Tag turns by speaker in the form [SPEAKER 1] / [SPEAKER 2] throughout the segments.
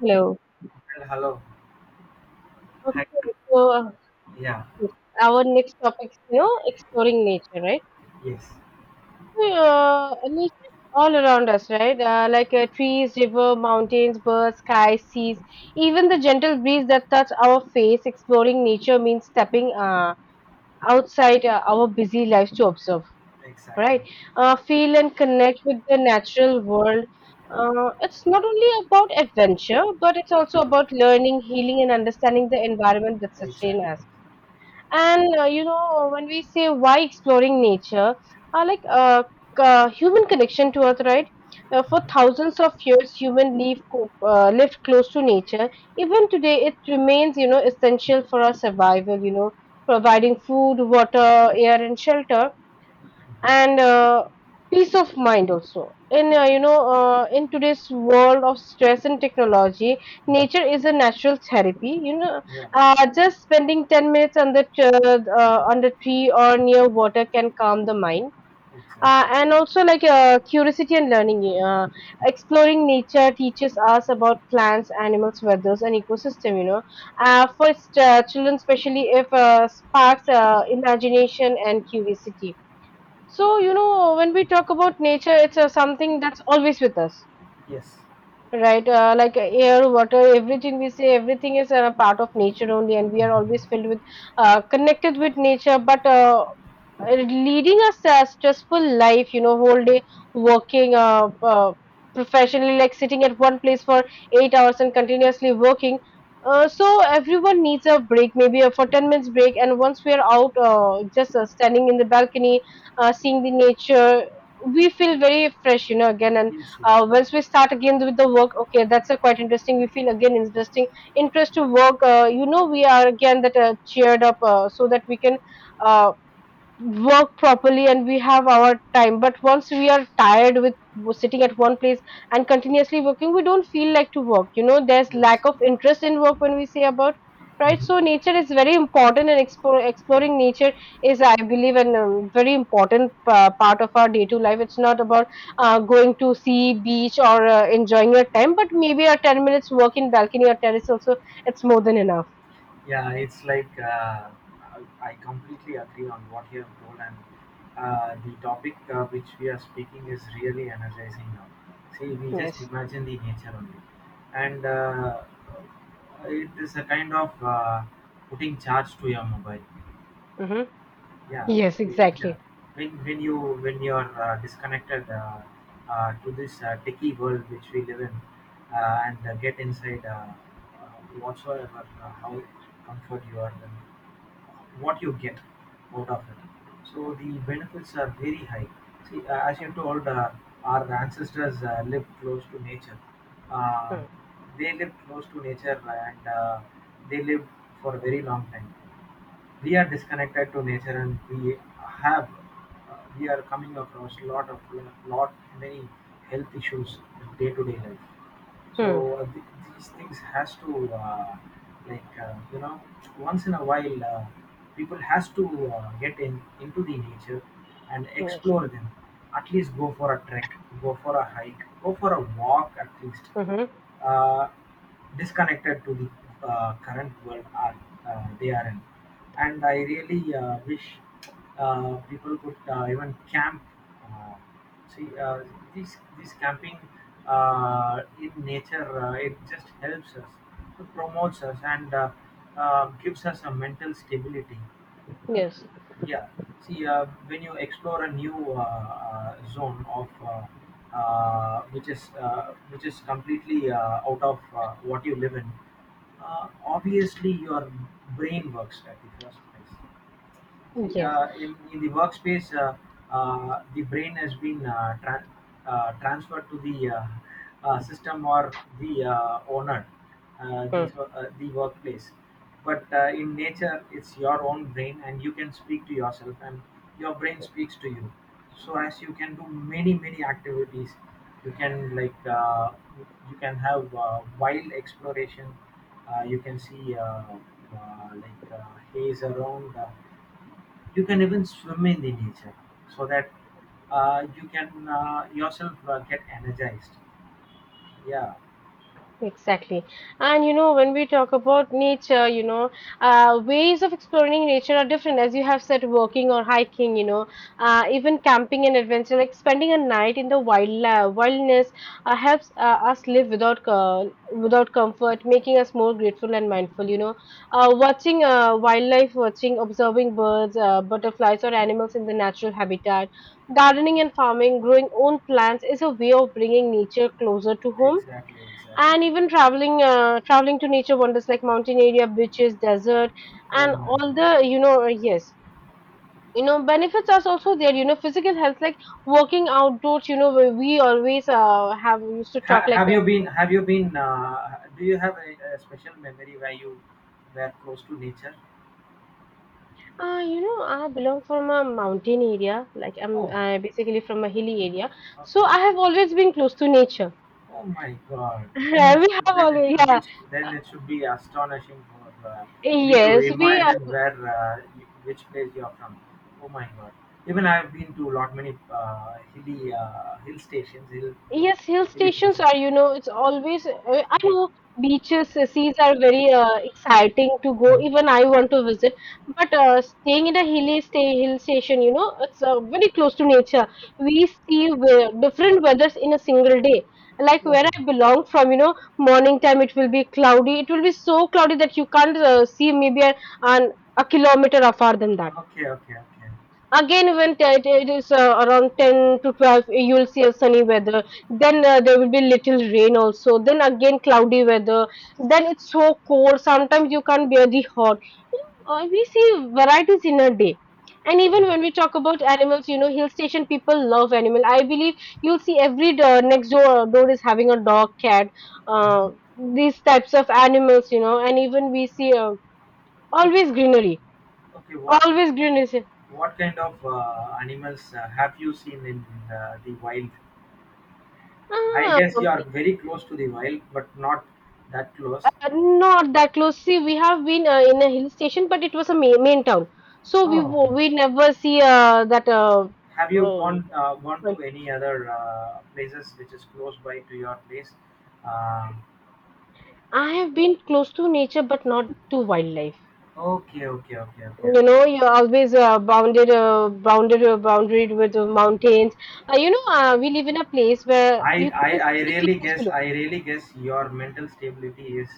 [SPEAKER 1] Hello.
[SPEAKER 2] And hello. Hi.
[SPEAKER 1] Okay, so uh,
[SPEAKER 2] Yeah.
[SPEAKER 1] our next topic is, you know, exploring nature, right?
[SPEAKER 2] Yes.
[SPEAKER 1] Nature is all around us, right? Like trees, river, mountains, birds, skies, seas, even the gentle breeze that touch our face. Exploring nature means stepping outside our busy lives to observe,
[SPEAKER 2] Exactly.
[SPEAKER 1] right? Feel and connect with the natural world. It's not only about adventure, but it's also about learning, healing, and understanding the environment that sustain
[SPEAKER 2] Exactly.
[SPEAKER 1] us. And you know, when we say why exploring nature, uh, like uh, human connection to Earth, right? For
[SPEAKER 2] Mhm,
[SPEAKER 1] thousands of years, human lived close to nature. Even today, it remains, you know, essential for our survival. You know, providing food, water, air, and shelter
[SPEAKER 2] mhm,
[SPEAKER 1] and peace of mind also in you know in today's world of stress and technology, nature
[SPEAKER 2] mhm.
[SPEAKER 1] is a natural therapy, you know
[SPEAKER 2] Yeah.
[SPEAKER 1] uh, Just spending 10 minutes under the on the tree or near water can calm the mind,
[SPEAKER 2] Exactly.
[SPEAKER 1] and also like curiosity and learning. Exploring nature teaches us about plants, animals, weathers and ecosystem, you know for Children especially, if sparks imagination and curiosity. So, you know, when we talk about nature, it's something that's always with us.
[SPEAKER 2] Yes.
[SPEAKER 1] Right, air, water, everything we say, everything is a part of nature only, and we are always filled with, connected with nature. But leading a stressful life, you know, whole day working professionally, like sitting at one place for 8 hours and continuously working. So everyone needs a break, maybe for 10 minutes break. And once we are out, just standing in the balcony, seeing the nature, we feel very fresh, you know, again. And
[SPEAKER 2] Yes. Yes.
[SPEAKER 1] uh, once we start again with the work, okay, that's quite interesting. We feel again interest to work. You know, we are again that cheered up so that we can uh, work properly and we have our time. But once we are tired with sitting at one place and continuously working, we don't feel like to work, you know. There's
[SPEAKER 2] Yes.
[SPEAKER 1] lack of interest in work when we say about, right? So
[SPEAKER 2] Mhm.
[SPEAKER 1] nature is very important, and exploring nature is, I believe, an very important part of our day to life. It's not about going to sea beach or enjoying your time, but maybe a 10 minutes walk in balcony or terrace also, it's more than enough.
[SPEAKER 2] Yeah. It's like I completely agree on what you have told, and the topic which we are speaking is really energizing now. See, we just
[SPEAKER 1] Yes.
[SPEAKER 2] imagine the nature only, and it is a kind of putting charge to your mobile.
[SPEAKER 1] Hmm.
[SPEAKER 2] Yeah.
[SPEAKER 1] Yes,
[SPEAKER 2] See, yeah.
[SPEAKER 1] exactly.
[SPEAKER 2] When when you when you're disconnected to this techie world which we live in, and get inside whatsoever how comfort you are, then what you get out of it. So the benefits are very high. See, as you told, our ancestors lived close to nature. Uh,
[SPEAKER 1] Hmm.
[SPEAKER 2] they lived close to nature, and they lived for a very long time. We are disconnected to nature, and we have, we are coming across lot of, lot many health issues in day-to-day life.
[SPEAKER 1] Hmm.
[SPEAKER 2] So these things has to like , once in a while people has to get in into the nature and
[SPEAKER 1] Hmm.
[SPEAKER 2] explore them. At least go for a trek, go for a hike, go for a walk at least.
[SPEAKER 1] Mm-hmm.
[SPEAKER 2] Uh, Disconnected to the current world are, they are in. And I really wish people could even camp. uh, See, this camping in nature, it just helps us, it promotes us, and gives us a mental stability.
[SPEAKER 1] Yes.
[SPEAKER 2] Yeah. See, when you explore a new zone of which is completely out of what you live in, obviously your brain works at the first place. See,
[SPEAKER 1] Yes.
[SPEAKER 2] in the workspace, the brain has been transferred to the system or the owner, the workplace. But in nature, it's your own brain, and you can speak to yourself, and your brain speaks to you. So as you can do many many activities, you can like you can have wild exploration. You can see like haze around. You can even swim in the nature so that you can yourself get energized. Yeah,
[SPEAKER 1] Exactly. And you know, when we talk about nature, you know, ways of exploring nature are different. As you have said, walking or hiking, you know, even camping and adventure, like spending a night in the wilderness, helps us live without without comfort, making us more grateful and mindful. You know, watching wildlife, watching, observing birds, butterflies, or animals in the natural habitat. Gardening and farming, growing own plants is a way of bringing nature closer to home,
[SPEAKER 2] exactly, exactly.
[SPEAKER 1] and even traveling to nature wonders like mountain area, beaches, desert
[SPEAKER 2] Oh
[SPEAKER 1] and
[SPEAKER 2] my
[SPEAKER 1] all
[SPEAKER 2] God.
[SPEAKER 1] the, you know, yes, you know, benefits are also there, you know. Physical health, like walking outdoors, you know we always have used to talk like
[SPEAKER 2] Have you been? Have you been? Do you have a special memory where you were close to nature?
[SPEAKER 1] you know, I belong from a mountain area. Like I'm
[SPEAKER 2] Oh,
[SPEAKER 1] basically from a hilly area, so I
[SPEAKER 2] okay.
[SPEAKER 1] have always been close to nature.
[SPEAKER 2] Oh my God! Then it's,
[SPEAKER 1] We have
[SPEAKER 2] then it
[SPEAKER 1] always,
[SPEAKER 2] should
[SPEAKER 1] yeah.
[SPEAKER 2] be, then
[SPEAKER 1] Uh,
[SPEAKER 2] it should be astonishing for me to
[SPEAKER 1] Yes, we
[SPEAKER 2] imagine where which place you're from. Oh my God! Even I've been to lot many hilly hill stations, hill, hill,
[SPEAKER 1] yes, hill
[SPEAKER 2] hilly
[SPEAKER 1] stations
[SPEAKER 2] places.
[SPEAKER 1] are, you know, it's always, I know beaches, seas are very exciting to go. Even I want to visit. But staying in a hill station, you know, it's very close to nature. We see different weathers in a single day. Like where
[SPEAKER 2] Oh,
[SPEAKER 1] I belong from, you know, morning time it will be cloudy. It will be so cloudy that you can't see maybe a, an, a kilometer afar than that.
[SPEAKER 2] okay, okay, okay.
[SPEAKER 1] Again, when it it is around 10 to 12, you will see a sunny weather. Then there will be little rain also. Then again, cloudy weather. Then it's so cold. Sometimes you can't bear the hot. You know, we see varieties in a day. And
[SPEAKER 2] Yeah.
[SPEAKER 1] even when we talk about animals, you know, hill station people love animal. I believe you'll see every door, next door is having a dog, cat,
[SPEAKER 2] Mhm.
[SPEAKER 1] uh, these types of animals, you know. And even we see,
[SPEAKER 2] So,
[SPEAKER 1] always greenery,
[SPEAKER 2] okay, what
[SPEAKER 1] always greenery.
[SPEAKER 2] what kind of animals have you seen in the wild? I
[SPEAKER 1] Ah.
[SPEAKER 2] guess you're very close to the wild, but not that close.
[SPEAKER 1] Not that close. See, we have been in a hill station, but it was a main, main town. So we
[SPEAKER 2] Oh,
[SPEAKER 1] we never see that.
[SPEAKER 2] have you
[SPEAKER 1] Uh,
[SPEAKER 2] gone, gone to
[SPEAKER 1] well,
[SPEAKER 2] any other places which is close by to your place? Uh,
[SPEAKER 1] I have been close to nature, but not to wildlife.
[SPEAKER 2] okay, okay, okay, okay, okay.
[SPEAKER 1] You know, you're always bounded with the mountains. You know, we live in a place where you can
[SPEAKER 2] I
[SPEAKER 1] see
[SPEAKER 2] really
[SPEAKER 1] clouds
[SPEAKER 2] guess,
[SPEAKER 1] below
[SPEAKER 2] I really guess your mental stability is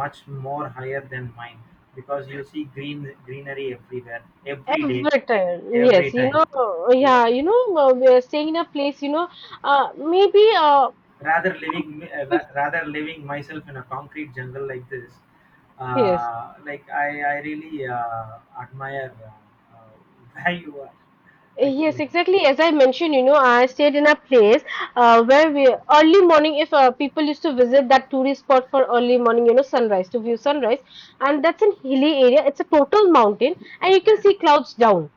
[SPEAKER 2] much more higher than mine, because you see greenery everywhere, every day,
[SPEAKER 1] every time.
[SPEAKER 2] every
[SPEAKER 1] Yes, you
[SPEAKER 2] time.
[SPEAKER 1] know,
[SPEAKER 2] So
[SPEAKER 1] yeah, you know, we are staying in a place. You know, maybe
[SPEAKER 2] rather living, rather living myself in a concrete jungle like this,
[SPEAKER 1] yes.
[SPEAKER 2] like I really admire, where you are
[SPEAKER 1] Yes,
[SPEAKER 2] actually.
[SPEAKER 1] exactly. As I mentioned, you know, I stayed in a place where we early morning, if people used to visit that tourist spot for early morning, you know, sunrise to view sunrise, and that's an hilly area. It's a total mountain, and you can
[SPEAKER 2] Okay.
[SPEAKER 1] see clouds down.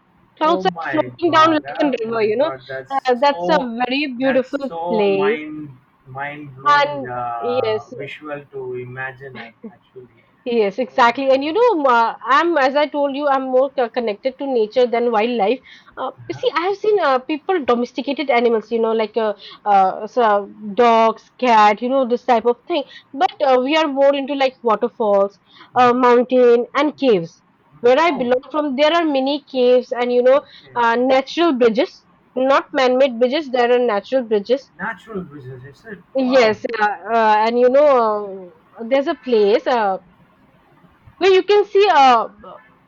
[SPEAKER 2] Oh
[SPEAKER 1] Clouds are
[SPEAKER 2] my
[SPEAKER 1] floating down
[SPEAKER 2] God,
[SPEAKER 1] like a
[SPEAKER 2] oh
[SPEAKER 1] river,
[SPEAKER 2] my
[SPEAKER 1] you know.
[SPEAKER 2] God, that's
[SPEAKER 1] That's a
[SPEAKER 2] so,
[SPEAKER 1] very
[SPEAKER 2] that's
[SPEAKER 1] beautiful
[SPEAKER 2] so
[SPEAKER 1] place,
[SPEAKER 2] mind, mind blowing
[SPEAKER 1] and yes,
[SPEAKER 2] visual to imagine actually.
[SPEAKER 1] yes,
[SPEAKER 2] Oh my
[SPEAKER 1] exactly. And you
[SPEAKER 2] God.
[SPEAKER 1] know, ma, I'm as I told you, I'm more connected to nature than wildlife. You
[SPEAKER 2] Uh-huh.
[SPEAKER 1] see, I have seen people domesticated animals, you know, like uh, so dogs, cat, you know, this type of thing. But we are more into like waterfalls, mountain, and caves. Where I
[SPEAKER 2] Oh,
[SPEAKER 1] belong from, there are many caves and you know,
[SPEAKER 2] okay.
[SPEAKER 1] natural bridges, not man-made bridges. There are natural bridges.
[SPEAKER 2] Natural business is it? Wow.
[SPEAKER 1] Yes, and you know, there's a place where you can see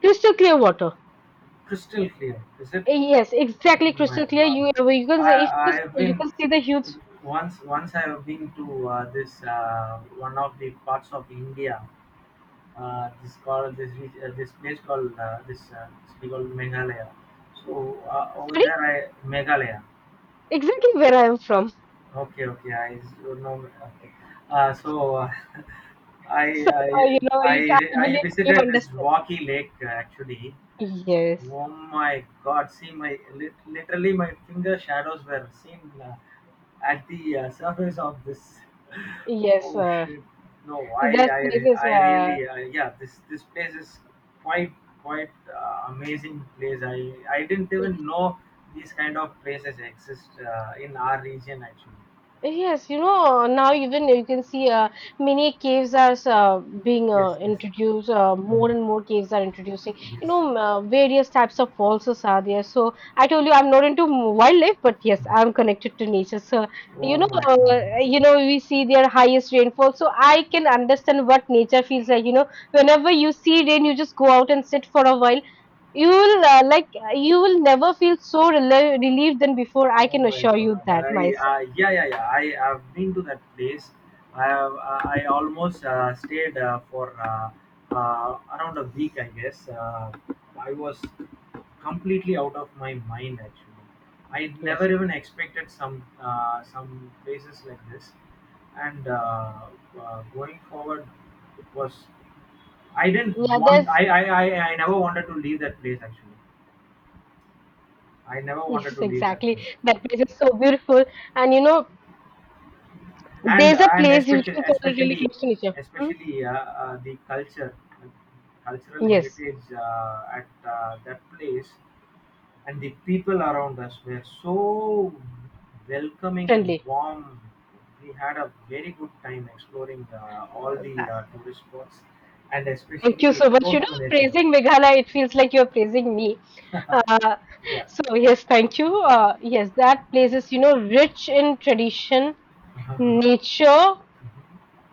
[SPEAKER 1] crystal clear water.
[SPEAKER 2] Crystal clear is it?
[SPEAKER 1] Yes, exactly,
[SPEAKER 2] Oh my
[SPEAKER 1] crystal clear.
[SPEAKER 2] God!
[SPEAKER 1] You you can
[SPEAKER 2] I
[SPEAKER 1] see if
[SPEAKER 2] I
[SPEAKER 1] this,
[SPEAKER 2] have
[SPEAKER 1] you
[SPEAKER 2] been,
[SPEAKER 1] can see the huge.
[SPEAKER 2] once once I have been to this one of the parts of India. This called, this place called, this city called Meghalaya. So over
[SPEAKER 1] Sorry,
[SPEAKER 2] there I, Meghalaya.
[SPEAKER 1] exactly where I am from.
[SPEAKER 2] Okay, okay. Know. Okay. Uh, so uh, I
[SPEAKER 1] So,
[SPEAKER 2] I
[SPEAKER 1] you know, you can't
[SPEAKER 2] I
[SPEAKER 1] believe, you
[SPEAKER 2] visited this
[SPEAKER 1] understand.
[SPEAKER 2] Rocky Lake actually.
[SPEAKER 1] Yes,
[SPEAKER 2] Oh my God! See my literally my finger shadows were seen at the surface of this.
[SPEAKER 1] yes.
[SPEAKER 2] Oh shit! No,
[SPEAKER 1] That place is.
[SPEAKER 2] I really yeah. This place is quite, quite amazing place. I didn't even know these kind of places exist in our region actually.
[SPEAKER 1] Yes, you know, now even you can see many caves are being
[SPEAKER 2] Yes, yes.
[SPEAKER 1] introduced, more
[SPEAKER 2] Mm.
[SPEAKER 1] and more caves are introducing, you
[SPEAKER 2] Yes.
[SPEAKER 1] know, various types of waltzes are there. So I told you I'm not into wildlife, but yes,
[SPEAKER 2] Mm.
[SPEAKER 1] I'm connected to nature. So,
[SPEAKER 2] Oh
[SPEAKER 1] you know,
[SPEAKER 2] my
[SPEAKER 1] uh,
[SPEAKER 2] God.
[SPEAKER 1] you know, we see their highest rainfall. So I can understand what nature feels like. You know, whenever you see rain, you just go out and sit for a while. You will like, you will never feel so relieved than before. I
[SPEAKER 2] Oh
[SPEAKER 1] can
[SPEAKER 2] my
[SPEAKER 1] assure you
[SPEAKER 2] God!
[SPEAKER 1] that
[SPEAKER 2] I
[SPEAKER 1] myself.
[SPEAKER 2] yeah, yeah, yeah. I have been to that place. I have I almost stayed for around a week, I guess. I was completely out of my mind actually. I
[SPEAKER 1] Yes.
[SPEAKER 2] never even expected some places like this. And going forward, it was, I didn't
[SPEAKER 1] Yeah,
[SPEAKER 2] want,
[SPEAKER 1] there's
[SPEAKER 2] I never wanted to leave that place actually. I never
[SPEAKER 1] yes,
[SPEAKER 2] wanted to leave that
[SPEAKER 1] exactly.
[SPEAKER 2] place.
[SPEAKER 1] That place is so beautiful, and you know,
[SPEAKER 2] and
[SPEAKER 1] there's a
[SPEAKER 2] and
[SPEAKER 1] place you
[SPEAKER 2] especially,
[SPEAKER 1] can call it really
[SPEAKER 2] especially,
[SPEAKER 1] close to nature. Hmm?
[SPEAKER 2] especially the culture, cultural
[SPEAKER 1] Yes,
[SPEAKER 2] heritage at that place, and the people around us were so welcoming and
[SPEAKER 1] friendly.
[SPEAKER 2] warm. We had a very good time exploring all
[SPEAKER 1] Uh,
[SPEAKER 2] the
[SPEAKER 1] that-
[SPEAKER 2] tourist spots, and
[SPEAKER 1] Thank you
[SPEAKER 2] especially
[SPEAKER 1] so much. You
[SPEAKER 2] close
[SPEAKER 1] know,
[SPEAKER 2] to nature.
[SPEAKER 1] praising Meghalaya, it feels like you're praising me. Uh,
[SPEAKER 2] Yeah.
[SPEAKER 1] so yes, thank you. Yes, that place is, you know, rich in tradition, nature.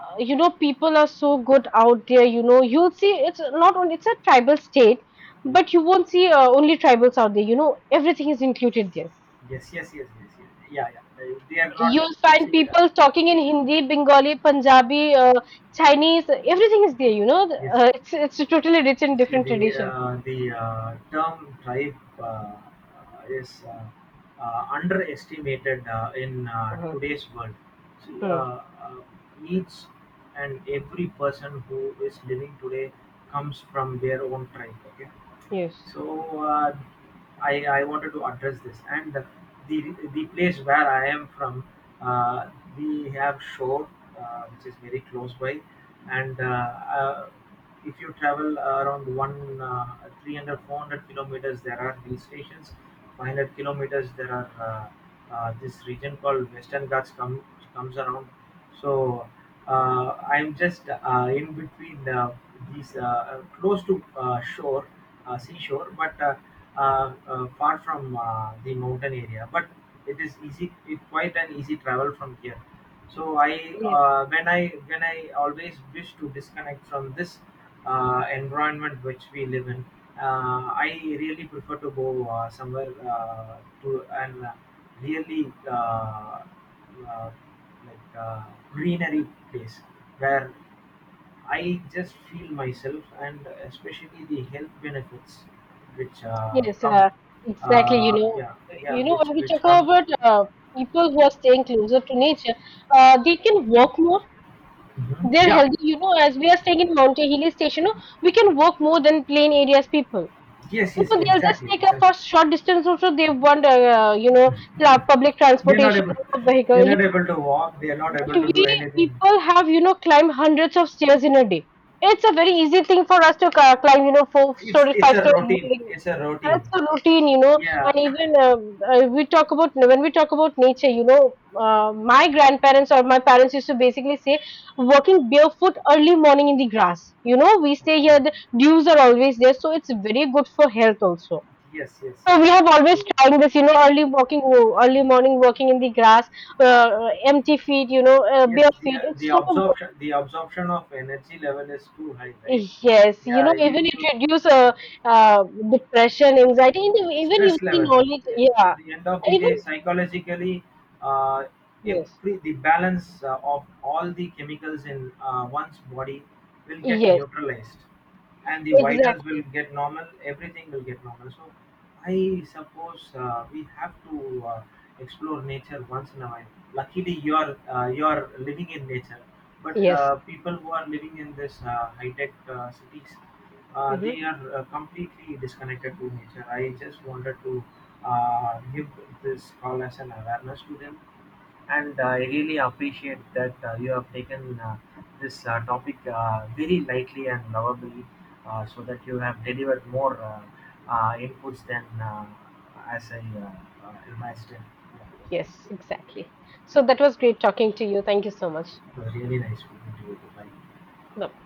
[SPEAKER 1] You know, people are so good out there. You know, you'll see it's not only it's a tribal state,
[SPEAKER 2] Yeah.
[SPEAKER 1] but you won't see only tribals out there. You know, everything is included there.
[SPEAKER 2] Yes, yes, yes, yes, yes, yeah, yeah. They are not,
[SPEAKER 1] You'll find
[SPEAKER 2] see
[SPEAKER 1] people talking in Hindi, Bengali, Punjabi, Chinese. Everything is there, you know.
[SPEAKER 2] yes.
[SPEAKER 1] It's totally rich in
[SPEAKER 2] You see,
[SPEAKER 1] different
[SPEAKER 2] the
[SPEAKER 1] tradition.
[SPEAKER 2] term tribe is underestimated in
[SPEAKER 1] Uh-huh.
[SPEAKER 2] today's world. See,
[SPEAKER 1] Hmm.
[SPEAKER 2] uh, uh, each and every person who is living today comes from their own tribe. Okay,
[SPEAKER 1] Yes.
[SPEAKER 2] so I wanted to address this, and the place where I am from, uh, we have shore which is very close by, and if you travel around one 300 kilometers there are hill stations, 500 kilometers there are this region called western ghats come, comes around. So I'm just in between these, close to shore, seashore, but far from the mountain area. But it is easy. It quite an easy travel from here. So I,
[SPEAKER 1] Yes.
[SPEAKER 2] when I always wish to disconnect from this environment which we live in. I really prefer to go somewhere to, and really uh, like greenery place where I just feel myself, and especially the health benefits which
[SPEAKER 1] Yes.
[SPEAKER 2] come.
[SPEAKER 1] Exactly. You know.
[SPEAKER 2] Yeah, yeah,
[SPEAKER 1] You know,
[SPEAKER 2] which
[SPEAKER 1] when we talk
[SPEAKER 2] which come.
[SPEAKER 1] about people who are staying closer to nature, they can walk more.
[SPEAKER 2] Mhm.
[SPEAKER 1] They're
[SPEAKER 2] Yeah,
[SPEAKER 1] healthy. You know, as we are staying in mountain Hilly Station, you know, we can walk more than plain areas people.
[SPEAKER 2] yes,
[SPEAKER 1] You
[SPEAKER 2] yes,
[SPEAKER 1] know, they'll just
[SPEAKER 2] exactly,
[SPEAKER 1] take a
[SPEAKER 2] exactly.
[SPEAKER 1] for short distance also they want, you know, public
[SPEAKER 2] They're not
[SPEAKER 1] transportation
[SPEAKER 2] able.
[SPEAKER 1] or
[SPEAKER 2] They're
[SPEAKER 1] vehicle, yeah.
[SPEAKER 2] not able to walk. They're not able
[SPEAKER 1] But
[SPEAKER 2] to do
[SPEAKER 1] we
[SPEAKER 2] anything.
[SPEAKER 1] people have, you know, climb hundreds of stairs in a day. It's a very easy thing for us to climb, you know, four
[SPEAKER 2] It's
[SPEAKER 1] story
[SPEAKER 2] it's
[SPEAKER 1] five
[SPEAKER 2] a
[SPEAKER 1] story
[SPEAKER 2] routine.
[SPEAKER 1] building.
[SPEAKER 2] It's a routine.
[SPEAKER 1] That's a routine, you know.
[SPEAKER 2] Yeah.
[SPEAKER 1] And even we talk about, when we talk about nature, you know, my grandparents or my parents used to basically say walking barefoot early morning in the grass. You know, we stay
[SPEAKER 2] Um,
[SPEAKER 1] here, the dews are always there, so it's very good for health also.
[SPEAKER 2] yes, yes,
[SPEAKER 1] So
[SPEAKER 2] yes.
[SPEAKER 1] we have always trying this, you know, early morning walking in the grass, empty feet, you know,
[SPEAKER 2] Yes,
[SPEAKER 1] bare
[SPEAKER 2] the,
[SPEAKER 1] feet.
[SPEAKER 2] the
[SPEAKER 1] It's so good.
[SPEAKER 2] absorption, the absorption of energy level is too high, right?
[SPEAKER 1] Yes, you
[SPEAKER 2] Yeah,
[SPEAKER 1] know,
[SPEAKER 2] you,
[SPEAKER 1] even
[SPEAKER 2] you
[SPEAKER 1] it reduce uh, depression, anxiety, and even you
[SPEAKER 2] Stress
[SPEAKER 1] see
[SPEAKER 2] level
[SPEAKER 1] knowledge.
[SPEAKER 2] at
[SPEAKER 1] Yeah,
[SPEAKER 2] the end of the day
[SPEAKER 1] even
[SPEAKER 2] psychologically, uh,
[SPEAKER 1] yes,
[SPEAKER 2] every the balance of all the chemicals in one's body will get
[SPEAKER 1] yes,
[SPEAKER 2] neutralized, and the vitals will
[SPEAKER 1] exactly.
[SPEAKER 2] get normal, everything will get normal. So I suppose we have to explore nature once in a while. Luckily you are, you are living in nature, but
[SPEAKER 1] Yes,
[SPEAKER 2] people who are living in this high tech cities,
[SPEAKER 1] hmm,
[SPEAKER 2] they are completely disconnected to nature. I just wanted to give this call as an awareness to them, and I really appreciate that you have taken this topic very lightly and lovably, so that you have delivered more inputs than as I imagined. Yeah,
[SPEAKER 1] yes, exactly. So that was great talking to you. Thank you so much.
[SPEAKER 2] it was really nice speaking to you. Bye.
[SPEAKER 1] Bye.